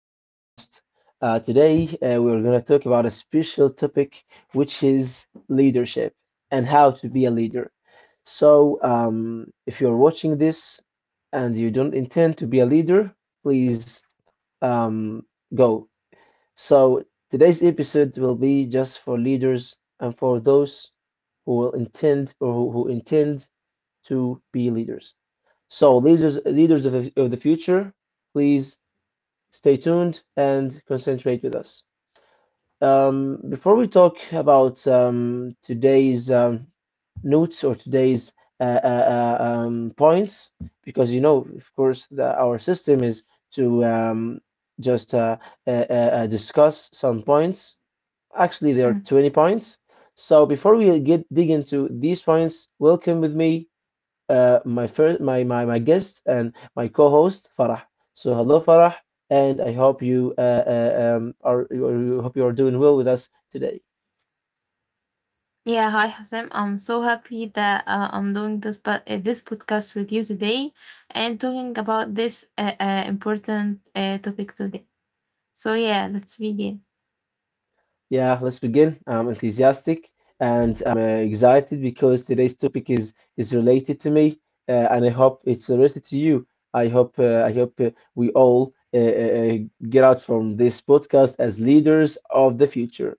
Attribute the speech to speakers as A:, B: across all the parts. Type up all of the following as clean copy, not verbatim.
A: new podcast. Today, we're going to talk about a special topic, which is leadership and how to be a leader. So, if you're watching this and you don't intend to be a leader, please um, go. So, today's episode will be just for leaders and for those who will intend or who intend to be leaders. So, leaders of the future, please stay tuned and concentrate with us. Before we talk about today's notes or today's points, because you know, of course, that our system is to just discuss some points. Actually, there are
B: Mm.
A: 20 points. So before we get dig into these points, welcome with me my guest and my co-host Farah. So hello Farah, and I hope you are you hope you are doing well with us today.
B: Yeah, hi Hassan. I'm so happy that I'm doing this but this podcast with you today and talking about this important topic today. So yeah, let's begin.
A: Yeah, let's begin. I'm enthusiastic and I'm excited because today's topic is related to me, and I hope it's related to you. I hope we all get out from this podcast as leaders of the future.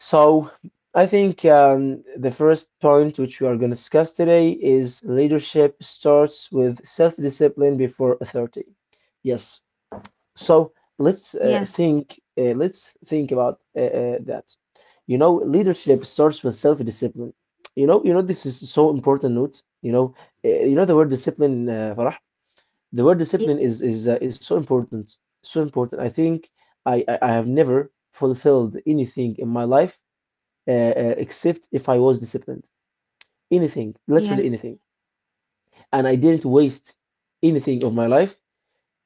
A: So I think the first point which we are going to discuss today is leadership starts with self discipline before authority. Yes. So let's
B: Yeah,
A: think. Let's think about that. You know, leadership starts with self discipline. You know this is so important. Note. You know the word discipline, Farah. The word
B: yeah,
A: discipline is so important. So important. I think I have never fulfilled anything in my life except if I was disciplined. Anything, literally
B: yeah,
A: anything. And I didn't waste anything of my life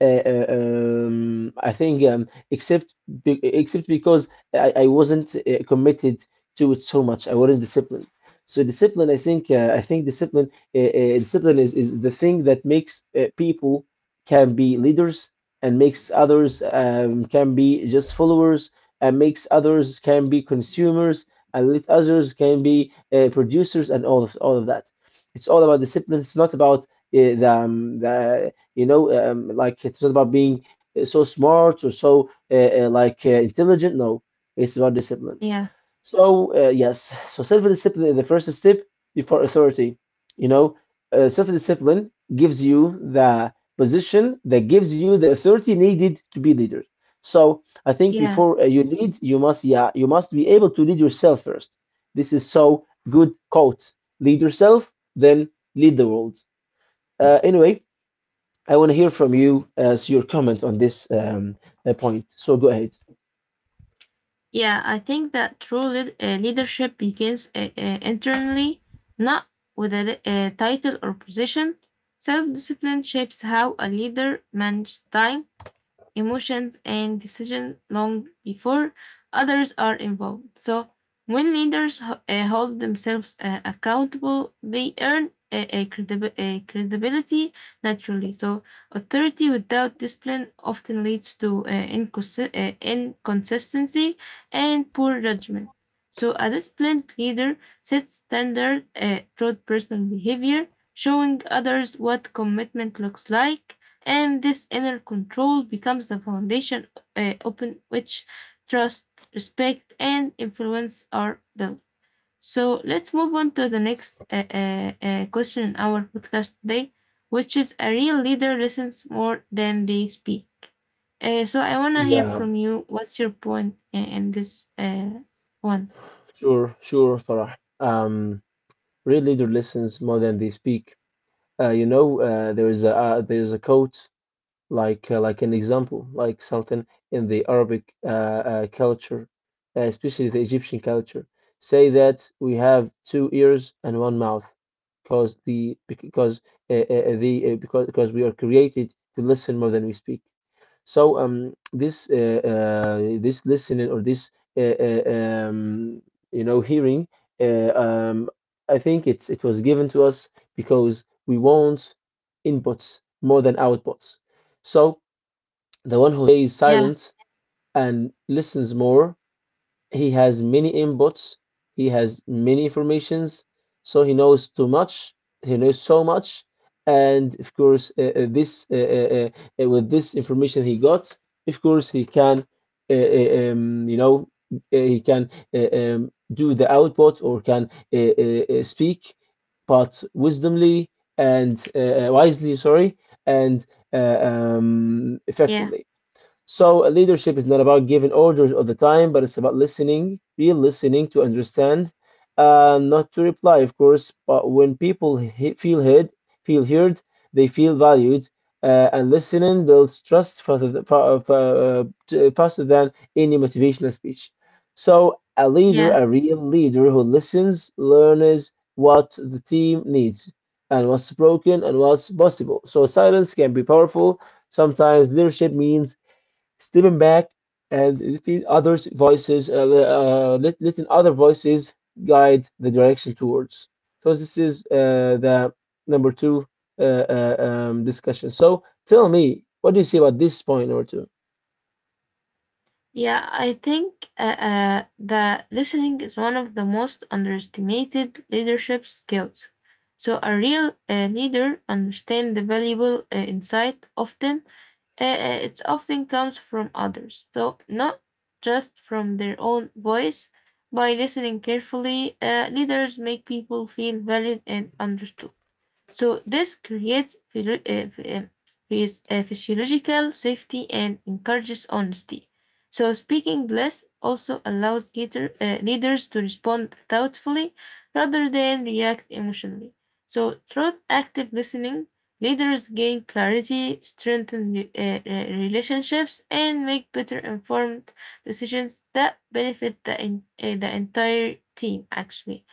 A: I think except because I wasn't committed to it so much. I wasn't disciplined. So discipline, I think, discipline is the thing that makes people can be leaders and makes others can be just followers and makes others can be consumers and let others can be producers and all of that. It's all about discipline. It's not about the you know like it's not about being so smart or so intelligent, no, it's about discipline.
B: yeah,
A: So yes, so self-discipline is the first step before authority. You know, self-discipline gives you the position that gives you the authority needed to be leader. So I think
B: yeah.
A: before you lead, you must, yeah, you must be able to lead yourself first. This is so good quote. Lead yourself, then lead the world. Anyway, I want to hear from you as your comment on this point. So go ahead.
B: Yeah, I think that leadership begins internally, not with a title or position. Self-discipline shapes how a leader manages time, emotions, and decisions long before others are involved. So, when leaders hold themselves accountable, they earn a credibility naturally. So, authority without discipline often leads to inconsistency and poor judgment. So, a disciplined leader sets standard through personal behavior, showing others what commitment looks like, and this inner control becomes the foundation upon which trust, respect, and influence are built. So let's move on to the next question in our podcast today, which is a real leader listens more than they speak. So I want to hear
A: Yeah,
B: from you. What's your point in this one?
A: sure, sure, Farah. Um, real leader listens more than they speak. You know, there is a, quote, like, like an example, like something in the Arabic culture, especially the Egyptian culture, say that we have two ears and one mouth, because the because because we are created to listen more than we speak. So this, this listening or this uh, uh, um, hearing, uh, um, I think it was given to us because we want inputs more than outputs. So the one who stays
B: Yeah,
A: silent and listens more, he has many inputs, he has many informations, so he knows too much, he knows so much, and of course, this with this information he got, of course, he can, uh, uh, um, you know, he can do the output or can speak, but wisdomly and, wisely, sorry, and
B: yeah,
A: effectively. So leadership is not about giving orders all the time, but it's about listening, real listening to understand, not to reply, of course. But when people feel heard, they feel valued, and listening builds trust faster, faster than any motivational speech. So a leader,
B: yeah.
A: a real leader who listens, learns what the team needs and what's broken and what's possible. So silence can be powerful. Sometimes leadership means stepping back and letting other voices guide the direction towards. So this is the number two discussion. So tell me, what do you see about this point number two?
B: Yeah, I think that listening is one of the most underestimated leadership skills. So, a real leader understands the valuable insight often. It often comes from others, so not just from their own voice. By listening carefully, leaders make people feel valued and understood. So this creates uh, physiological safety and encourages honesty. So speaking less also allows leaders to respond thoughtfully rather than react emotionally. So through active listening, leaders gain clarity, strengthen relationships, and make better informed decisions that benefit the entire team actually.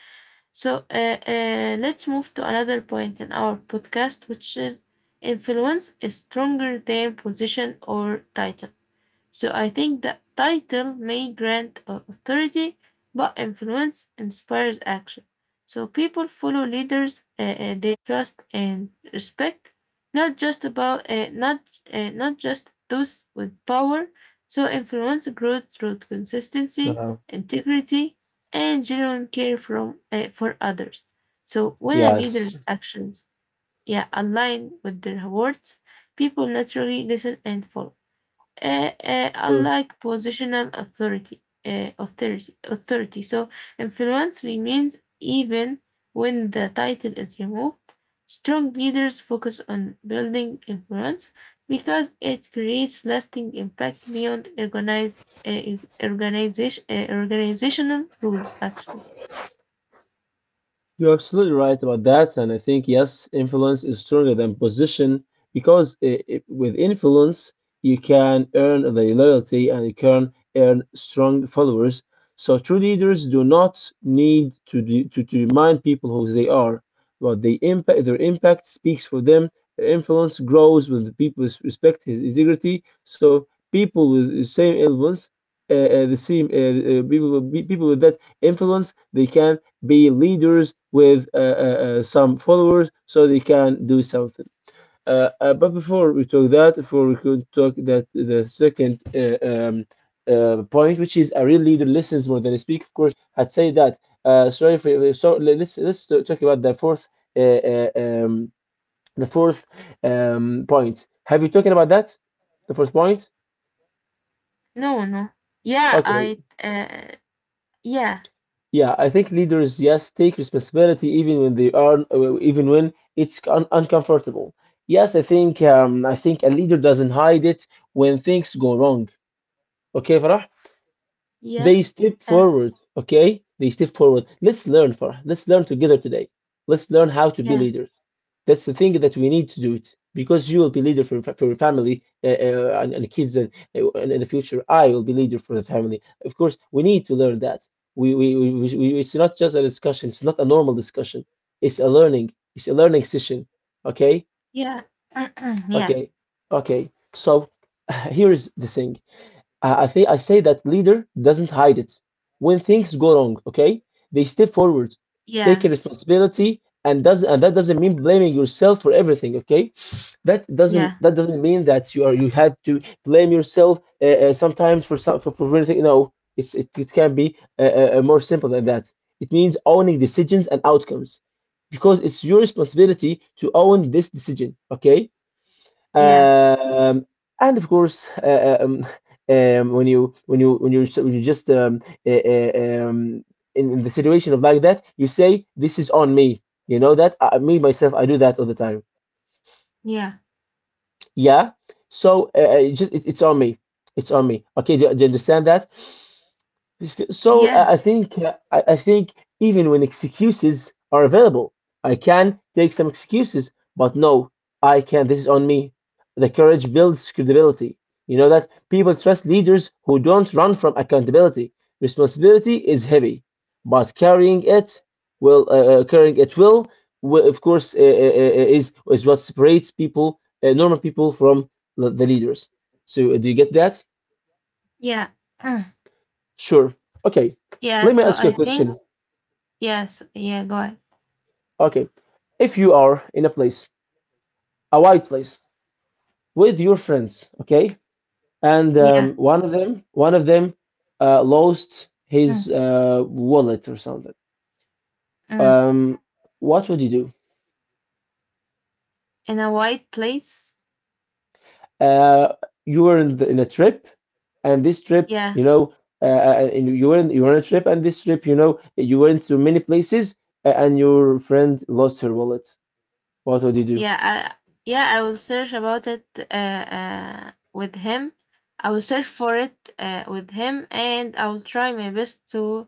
B: So let's move to another point in our podcast, which is influence, a stronger than position or title. So I think that title may grant authority, but influence inspires action. So people follow leaders they trust and respect, not not just those with power. So influence grows through consistency,
A: Uh,
B: integrity, and genuine care from for others. So when a
A: yes,
B: leader's actions yeah align with their words, people naturally listen and follow
A: sure.
B: unlike positional authority. So influence remains even when the title is removed. Strong leaders focus on building influence because it creates lasting impact beyond organizational rules. Actually,
A: You're absolutely right about that, and I think, yes, influence is stronger than position because I, with influence, you can earn the loyalty and you can earn strong followers. So true leaders do not need to remind people who they are, but their impact speaks for them. Their influence grows when the people respect his integrity. So people with the same influence, the same people with that influence, they can be leaders with some followers so they can do something. But before we talk that, before we could talk that the second point, which is a real leader listens more than he speaks. Of course, I'd say that. Sorry for, so let's talk about uh, uh, um, the fourth point. Have you talked about that? The fourth point.
B: no, no, yeah,
A: Okay,
B: I, uh, yeah,
A: yeah, I think leaders, yes, take responsibility even when they are, even when it's un uncomfortable. Yes, I think I think a leader doesn't hide it when things go wrong. Okay, Farah?
B: yeah,
A: They step
B: uh,
A: forward, okay? They step forward. Let's learn together today. Let's learn how to be
B: yeah,
A: leaders. That's the thing that we need to do it because you will be leader for your family, and kids and in the future I will be leader for the family. Of course, we need to learn that. It's not just a discussion. It's not a normal discussion. It's a learning. It's a learning session. Okay,
B: yeah, yeah,
A: okay, okay. So here is the thing. I think I say that leader doesn't hide it. When things go wrong, okay, they step forward, take
B: yeah,
A: responsibility, and does and that doesn't mean blaming yourself for everything, okay? That doesn't
B: yeah,
A: that doesn't mean that you have to blame yourself sometimes for anything. No, it's it can be more simple than that. It means owning decisions and outcomes because it's your responsibility to own this decision, okay?
B: yeah.
A: Um, and of course, when you, when you just, um, in the situation of like that, you say, "This is on me." You know that I, me myself, I do that all the time.
B: Yeah.
A: Yeah. So it's on me. It's on me. Okay. Do you understand that? So
B: Yeah,
A: I think I think even when excuses are available, I can take some excuses, but no, I can. This is on me. The courage builds credibility. You know that people trust leaders who don't run from accountability. Responsibility is heavy, but carrying it will, of course is what separates people, normal people, from the leaders. So do you get that?
B: yeah. Mm.
A: Sure. Okay.
B: Yeah,
A: Let me
B: so
A: ask you a,
B: I
A: yeah,
B: think
A: question.
B: yes, yeah, go ahead.
A: Okay. If you are in a place, a wide place, with your friends, okay, and
B: Yeah.
A: one of them, lost his
B: Mm.
A: wallet or something.
B: Mm.
A: Um, what would you do?
B: In a white place.
A: Uh, you were in, the, in a trip, and this trip,
B: Yeah.
A: you know, and you were in, you were on a trip, and this trip, you know, you went to many places, and your friend lost her wallet. What would you do?
B: Yeah, I yeah, I will search about it with him. I will search for it with him and I will try my best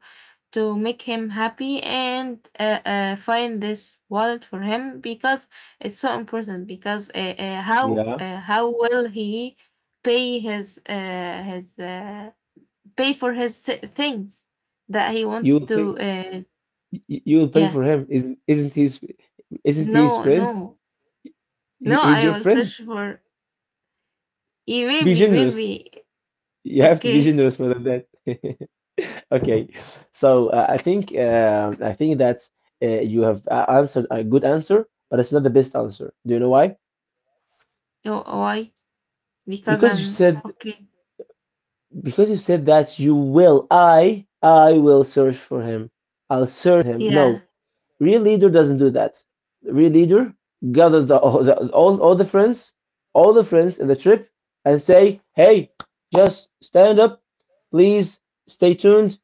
B: to make him happy and find this wallet for him because it's so important because
A: Yeah.
B: how will he pay his pay for his things that he
A: You
B: wants
A: will
B: to
A: pay. You will pay
B: yeah
A: for him. Isn't he his
B: no
A: friend?
B: no
A: He,
B: no
A: he's
B: I
A: your
B: will
A: friend.
B: search for eh,
A: Be
B: maybe
A: generous.
B: maybe
A: You have to be
B: okay.
A: generous for that. Okay, so I think I think that you have answered a good answer, but it's not the best answer. Do you know why?
B: Oh, why, because
A: Because you
B: I'm
A: said,
B: okay.
A: that you will. I will search for him. I'll search him.
B: Yeah,
A: No, real leader doesn't do that. The real leader gathers the, all the friends in the trip, and say, "Hey, just stand up, please stay tuned,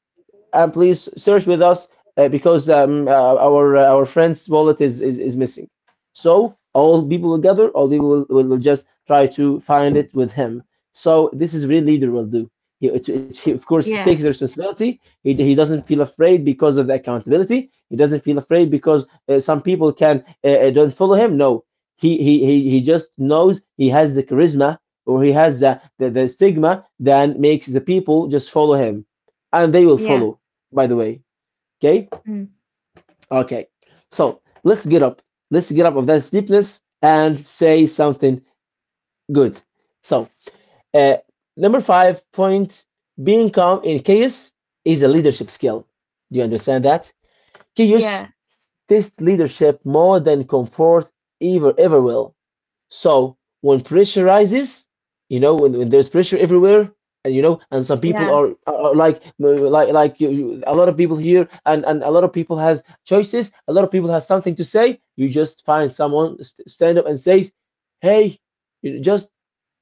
A: and please search with us because our friend's wallet is missing. So all people will gather, all people will just try to find it with him. So this is really leader will do. He, of course, he takes the
B: yeah,
A: responsibility. He doesn't feel afraid because of the accountability. He doesn't feel afraid because some people can don't follow him. No, he, he just knows he has the charisma, or he has the, the stigma that makes the people just follow him, and they will
B: yeah,
A: follow, by the way. Okay?
B: mm,
A: Okay. So let's get up. Let's get up of that steepness and say something good. So uh, number 5 point, being calm in chaos, is a leadership skill. Do you understand that? Chaos
B: yeah,
A: tests leadership more than comfort ever will. So when pressure rises, you know, when there's pressure everywhere, and you know, and some people
B: yeah,
A: are like you, a lot of people here, and a lot of people has choices. A lot of people have something to say. You just find someone stand up and says, "Hey, you just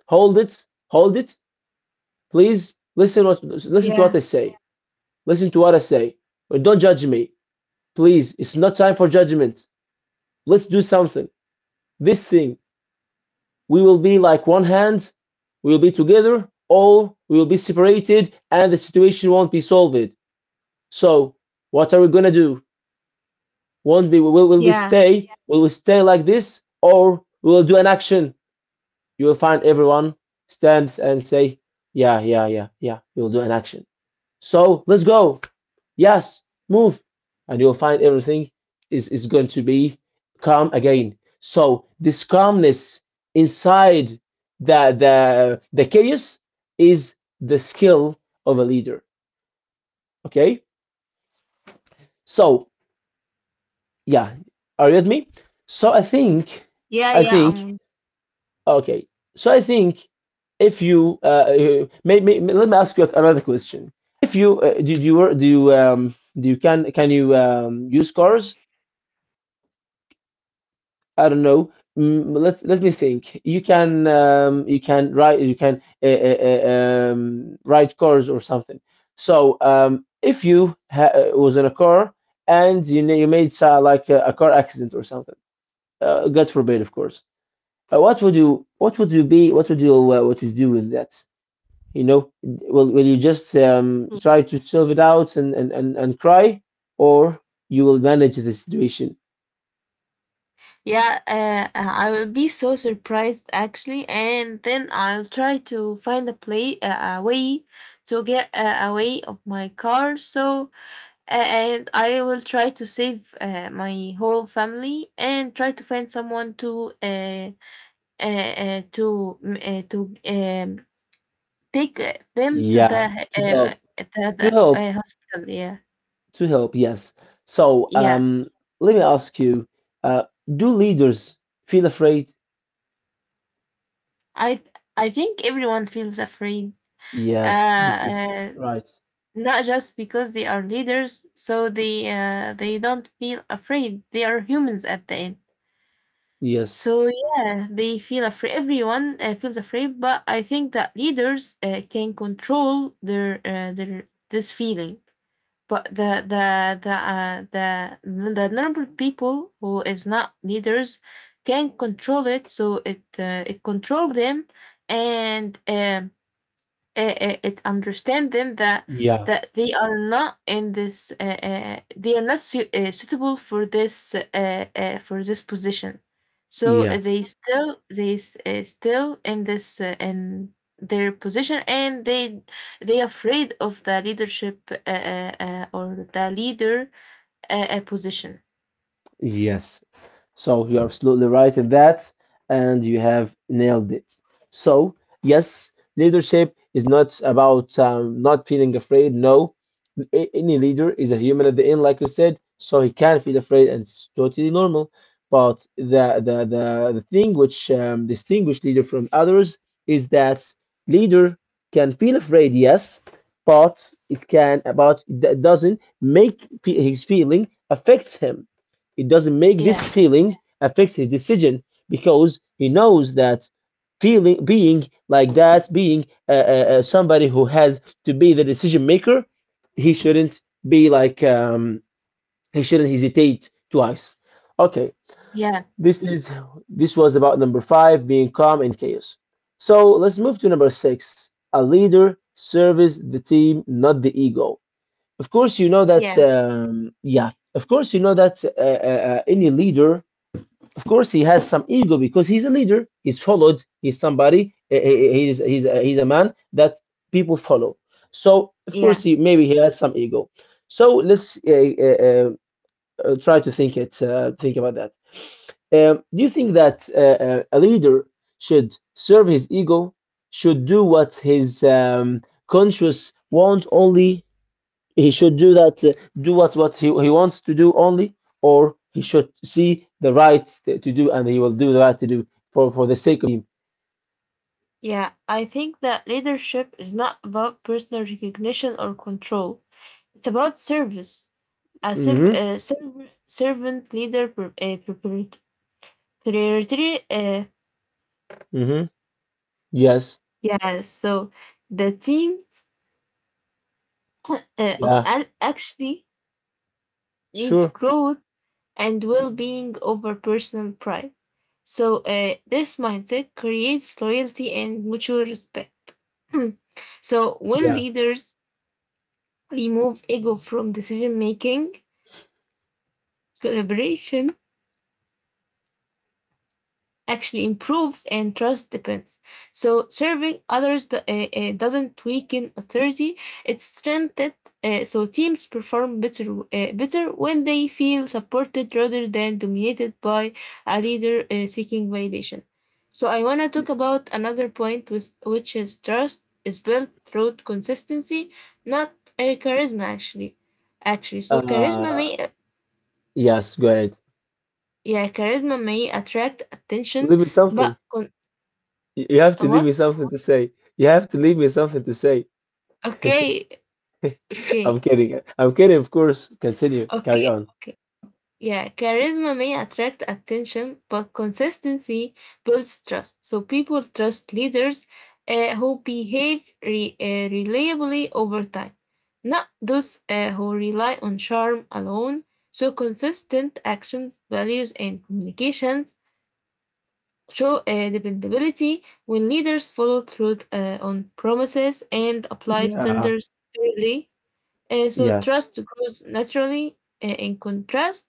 A: hold it, please listen to what
B: yeah,
A: I say, listen to what I say, don't judge me, please. It's not time for judgment. Let's do something. This thing, we will be like one hand, we will be together, or we will be separated, and the situation won't be solved. So, what are we gonna do? Won't be will we
B: yeah,
A: stay? Will we stay like this, or we will do an action?" You will find everyone stands and say, "Yeah, yeah, yeah, yeah. We will do an action. So let's go, yes, move," and you'll find everything is going to be calm again. So this calmness inside the chaos is the skill of a leader. Okay, so yeah, are you with me? So I think
B: yeah,
A: I
B: yeah,
A: think
B: um,
A: okay. So I think if you maybe let me ask you another question. If you did you do you do you can you use cars? I don't know. Mm, let me think. You can write cars or something. So if you was in a car and you you made like a car accident or something, God forbid, of course. What would you be what would you do in that? You know, will you just try to solve it out and cry, or you will manage the situation?
B: yeah, I will be so surprised actually, and then I'll try to find a way to get away of my car, so A- and I will try to save my whole family and try to find someone to take them to the
A: Yeah, to
B: uh,
A: help,
B: the, the
A: to help.
B: hospital. Yeah,
A: To help, yes. So
B: yeah.
A: let me ask you, uh, do leaders feel afraid?
B: I I think everyone feels afraid. Uh,
A: Yes, this is
B: uh,
A: right.
B: Not just because they are leaders, so they don't feel afraid. They are humans at the end.
A: Yes,
B: So yeah, they feel afraid. Everyone feels afraid, but I think that leaders can control their this feeling. But the the normal people who is not leaders can control it, so it control them, and it understand them that
A: yeah,
B: that they are not in this they are not suitable for this position, so they
A: yes,
B: still still in this in their position, and they afraid of the leadership or the leader position.
A: yes. So you're absolutely right in that, and you have nailed it. So, yes, leadership is not about not feeling afraid. No, any leader is a human at the end, like you said, so he can feel afraid, and it's totally normal. But the thing which distinguishes leader from others is that leader can feel afraid, yes, but it can about it doesn't his feeling affects him. It doesn't make this
B: Yeah,
A: feeling affects his decision because he knows that feeling being like that, being somebody who has to be the decision maker, he shouldn't be like he shouldn't hesitate twice. Okay,
B: yeah,
A: this is this was about number five, being calm in chaos. So let's move to number six. A leader serves the team, not the ego. Of course, you know that.
B: yeah,
A: Yeah, of course, you know that any leader, of course he has some ego, because he's a leader, he's followed, he's somebody, he's he's a man that people follow, so of course
B: yeah,
A: he maybe he has some ego. So let's uh, uh, try to think it, think about that. Do you think that a leader should serve his ego, should do what his conscience want only, he should do that, do what he wants to do only, or he should see the right to do, and he will do the right to do for the sake of him?
B: yeah, I think that leadership is not about personal recognition or control. It's about service. A
A: Hmm.
B: servant leader priority.
A: Hmm. Yes.
B: Yeah, so the team uh,
A: Yeah.
B: actually
A: Sure.
B: needs growth and well being over personal pride. So, this mindset creates loyalty and mutual respect. So, when
A: Yeah.
B: leaders remove ego from decision making, collaboration actually improves and trust depends. So serving others doesn't weaken authority; it strengthens it. So teams perform better better when they feel supported rather than dominated by a leader seeking validation. So I want to talk about another point, which is trust is built through consistency, not charisma. Actually, so charisma
A: Uh,
B: may
A: yes. Go ahead.
B: yeah, charisma may attract attention,
A: Leave me something.
B: but con-
A: You have to leave
B: what?
A: me something to say. You have to leave me something to say.
B: Okay,
A: I'm
B: okay,
A: kidding. I'm kidding, of course. Continue. Carry
B: okay,
A: on.
B: okay. Yeah, charisma may attract attention, but consistency builds trust. So people trust leaders who behave reliably over time, not those who rely on charm alone. So consistent actions, values, and communications show dependability when leaders follow through on promises and apply
A: Yeah,
B: standards fairly. So
A: yes.
B: trust grows naturally. In contrast,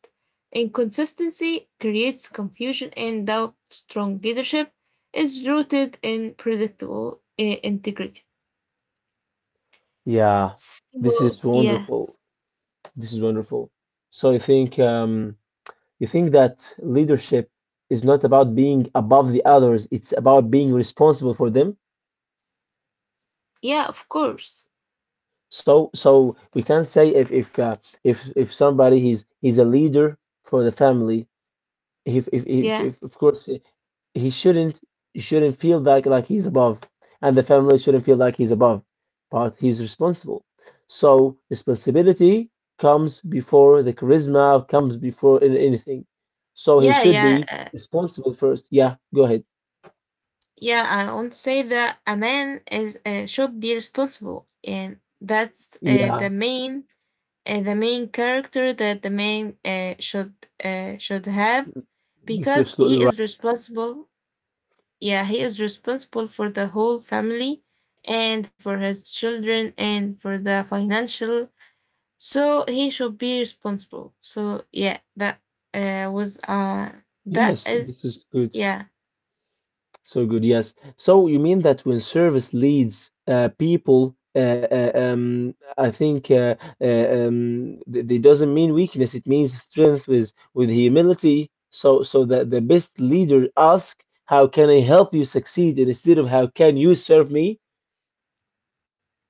B: inconsistency creates confusion and doubt. Strong leadership is rooted in predictable integrity.
A: Yeah. This
B: So
A: is
B: yeah,
A: wonderful. This is wonderful. So you think that leadership is not about being above the others, it's about being responsible for them.
B: yeah, of course,
A: So so we can say if if somebody he's a leader for the family,
B: yeah,
A: if of course he shouldn't feel like he's above, and the family shouldn't feel like he's above, but he's responsible. So responsibility comes before the charisma, comes before anything. So he
B: yeah,
A: should
B: yeah,
A: be responsible first. Yeah, go ahead.
B: yeah. I won't say that a man is should be responsible, and that's
A: Yeah,
B: the main character that the man should have
A: this is
B: because
A: absolutely
B: he
A: right.
B: is responsible. Yeah, he is responsible for the whole family and for his children and for the financial. So he should be responsible. So yeah, uh, was uh that
A: Yes,
B: is
A: this is good.
B: yeah,
A: So good, yes. So you mean that when service leads people, I think th they doesn't mean weakness. It means strength with humility. So so that the best leader ask, "How can I help you succeed?" instead of "How can you serve me?"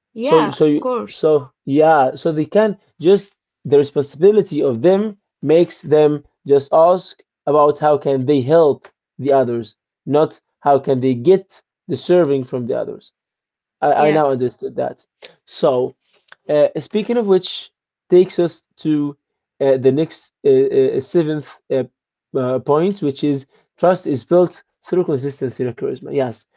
B: yeah,
A: So so
B: of course,
A: so yeah, so they can just, the responsibility of them makes them just ask about how can they help the others, not how can they get the serving from the others. I
B: yeah,
A: now understood that. So speaking of which, takes us to the next seventh point, which is trust is built through consistency and charisma. Yes.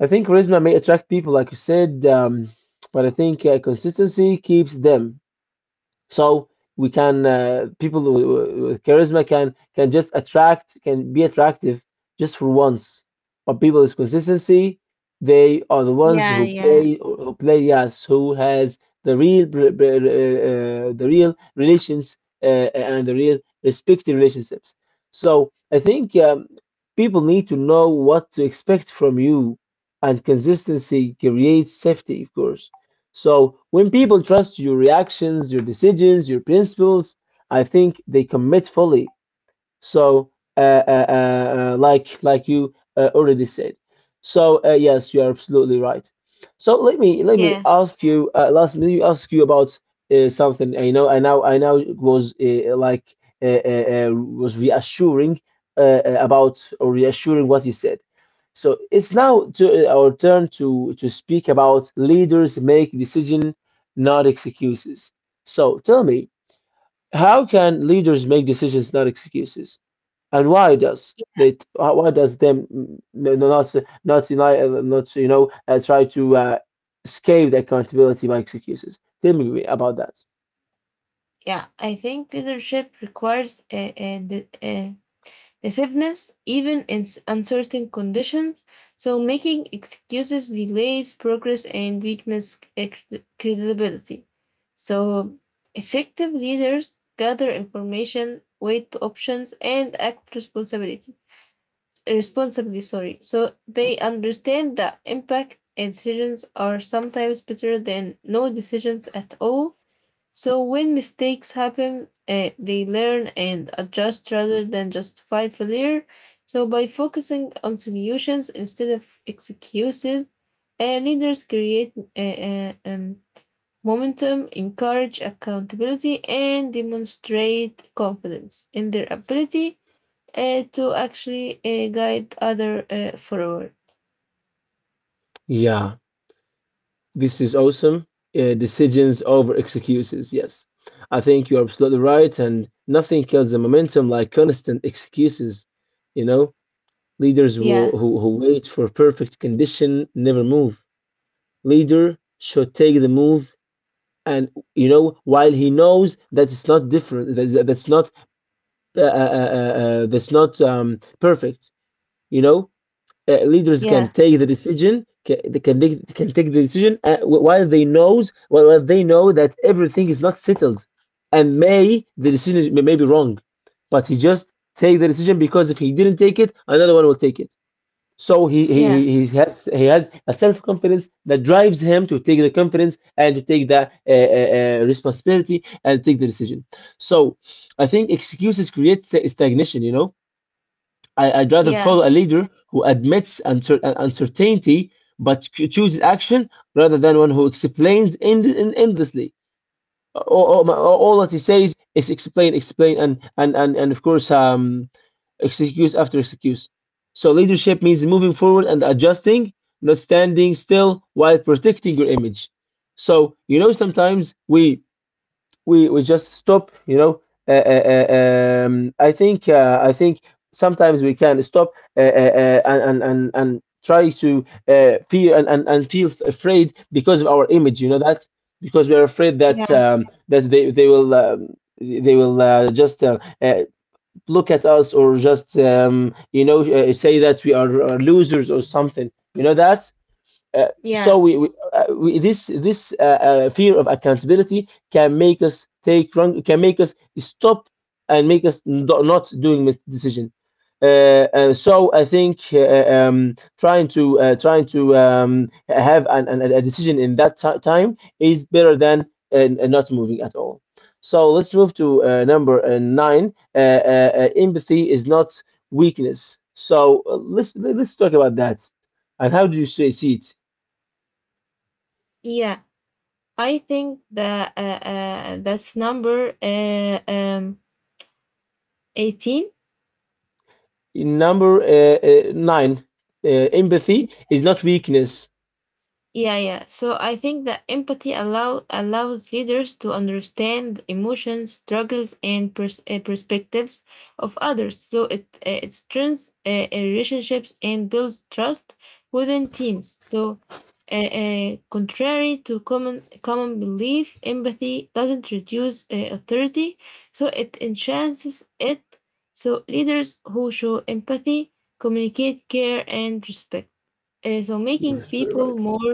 A: I think charisma may attract people, like you said, but I think consistency keeps them. So we can people charisma can just attract, can be attractive just for once, but people with consistency, they are the ones
B: yeah,
A: who play,
B: yeah,
A: who play, yes, who has the real the real relations and the real respective relationships. So I think people need to know what to expect from you, and consistency creates safety, of course. So when people trust your reactions, your decisions, your principles, I think they commit fully. So, like you already said. So yes, you are absolutely right. So let me
B: yeah,
A: ask you last let me ask you about something. I know I now was like was reassuring about, or reassuring what you said. So it's now to, our turn to speak about leaders make decision, not excuses. So tell me, how can leaders make decisions, not excuses? And why does they? Why does them not not unite, not you know try to escape the accountability by excuses? Tell me about that.
B: yeah. I think leadership requires passiveness, even in uncertain conditions. So, making excuses delays progress and weakness credibility. So, effective leaders gather information, weigh options, and act responsibility. Responsibly, sorry. So they understand that impact and decisions are sometimes better than no decisions at all, so when mistakes happen, they learn and adjust rather than justify failure. So by focusing on solutions instead of excuses, leaders create momentum, encourage accountability, and demonstrate confidence in their ability to actually guide other forward.
A: Yeah, this is awesome. Decisions over excuses. Yes, I think you're absolutely right, and nothing kills the momentum like constant excuses. You know, leaders
B: Yeah,
A: who wait for perfect condition never move. Leader should take the move, and you know while he knows that it's not different, that's not perfect, you know leaders can
B: yeah,
A: take the decision can take the decision while they know that everything is not settled, and may the decision may be wrong, but he just take the decision because if he didn't take it, another one will take it. So
B: yeah,
A: he has, he has a self confidence that drives him to take the confidence and to take the responsibility and take the decision. So I think excuses create stagnation. You know, I, I'd rather
B: yeah,
A: follow a leader who admits uncertainty but chooses action rather than one who explains endlessly. All that he says is explain, explain, and of course, excuse after excuse. So leadership means moving forward and adjusting, not standing still while protecting your image. So you know, sometimes we we just stop, you know, I think sometimes we can stop and try to feel and, feel afraid because of our image, you know that, because we're afraid that
B: yeah,
A: that they will just look at us, or just you know say that we are losers or something, you know that uh, so
B: yeah,
A: we, we, this fear of accountability can make us take wrong, can make us stop and make us not doing this decision. And so I think trying to trying to have a decision in that time is better than not moving at all. So let's move to number nine. Empathy is not weakness. So let's talk about that. And how do you see see it?
B: yeah. I think that that's number 18.
A: Number nine, empathy is not weakness.
B: Yeah, yeah. So I think that empathy allows leaders to understand the emotions, struggles, and perspectives of others. So it it strengthens relationships and builds trust within teams. So, contrary to common common belief, empathy doesn't reduce authority. So it enhances it. So leaders who show empathy communicate care and respect, so making
A: You're
B: people
A: right.
B: more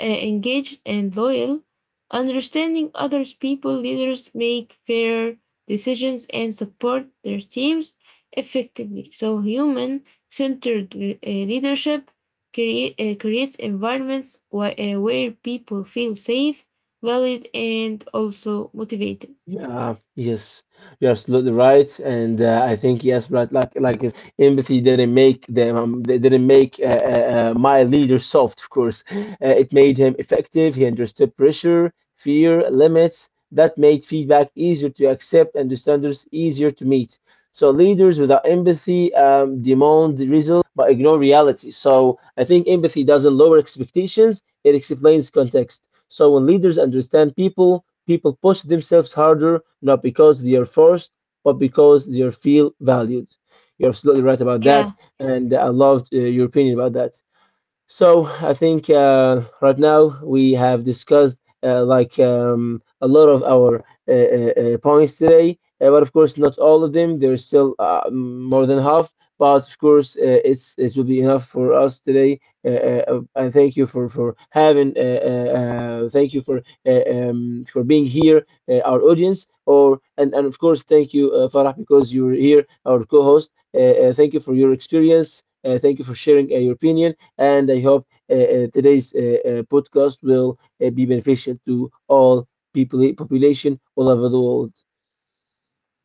B: engaged and loyal, understanding other people leaders make fair decisions and support their teams effectively. So human centered leadership creates environments where people feel safe, valued, and also motivated.
A: Yeah, yes, you're absolutely right, and I think yes, right. Like you, empathy didn't make them. They didn't make my leader soft. Of course, it made him effective. He understood pressure, fear, limits. That made feedback easier to accept and the standards easier to meet. So leaders without empathy demand results but ignore reality. So I think empathy doesn't lower expectations. It explains context. So when leaders understand people, people push themselves harder, not because they are forced, but because they feel valued. You're absolutely right about that,
B: Yeah,
A: and I loved your opinion about that. So I think right now we have discussed like a lot of our points today, but of course not all of them. There's still more than half, but of course it's it will be enough for us today. And thank you for having. Thank you for being here, our audience. Or and of course thank you Farah, because you're here, our co-host. Thank you for your experience. Thank you for sharing your opinion, and I hope today's podcast will be beneficial to all people, population all over the world.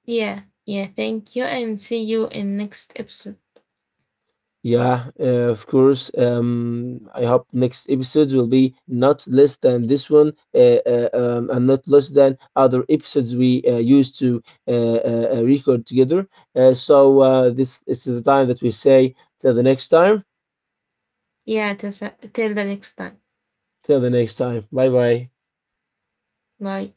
B: yeah, yeah. Thank you, and see you in next episode.
A: Yeah, of course. I hope next episodes will be not less than this one, and not less than other episodes we used to record together. So this is the time that we say till the next time.
B: Yeah, till, till the next time.
A: Till the next time. Bye bye.
B: Bye.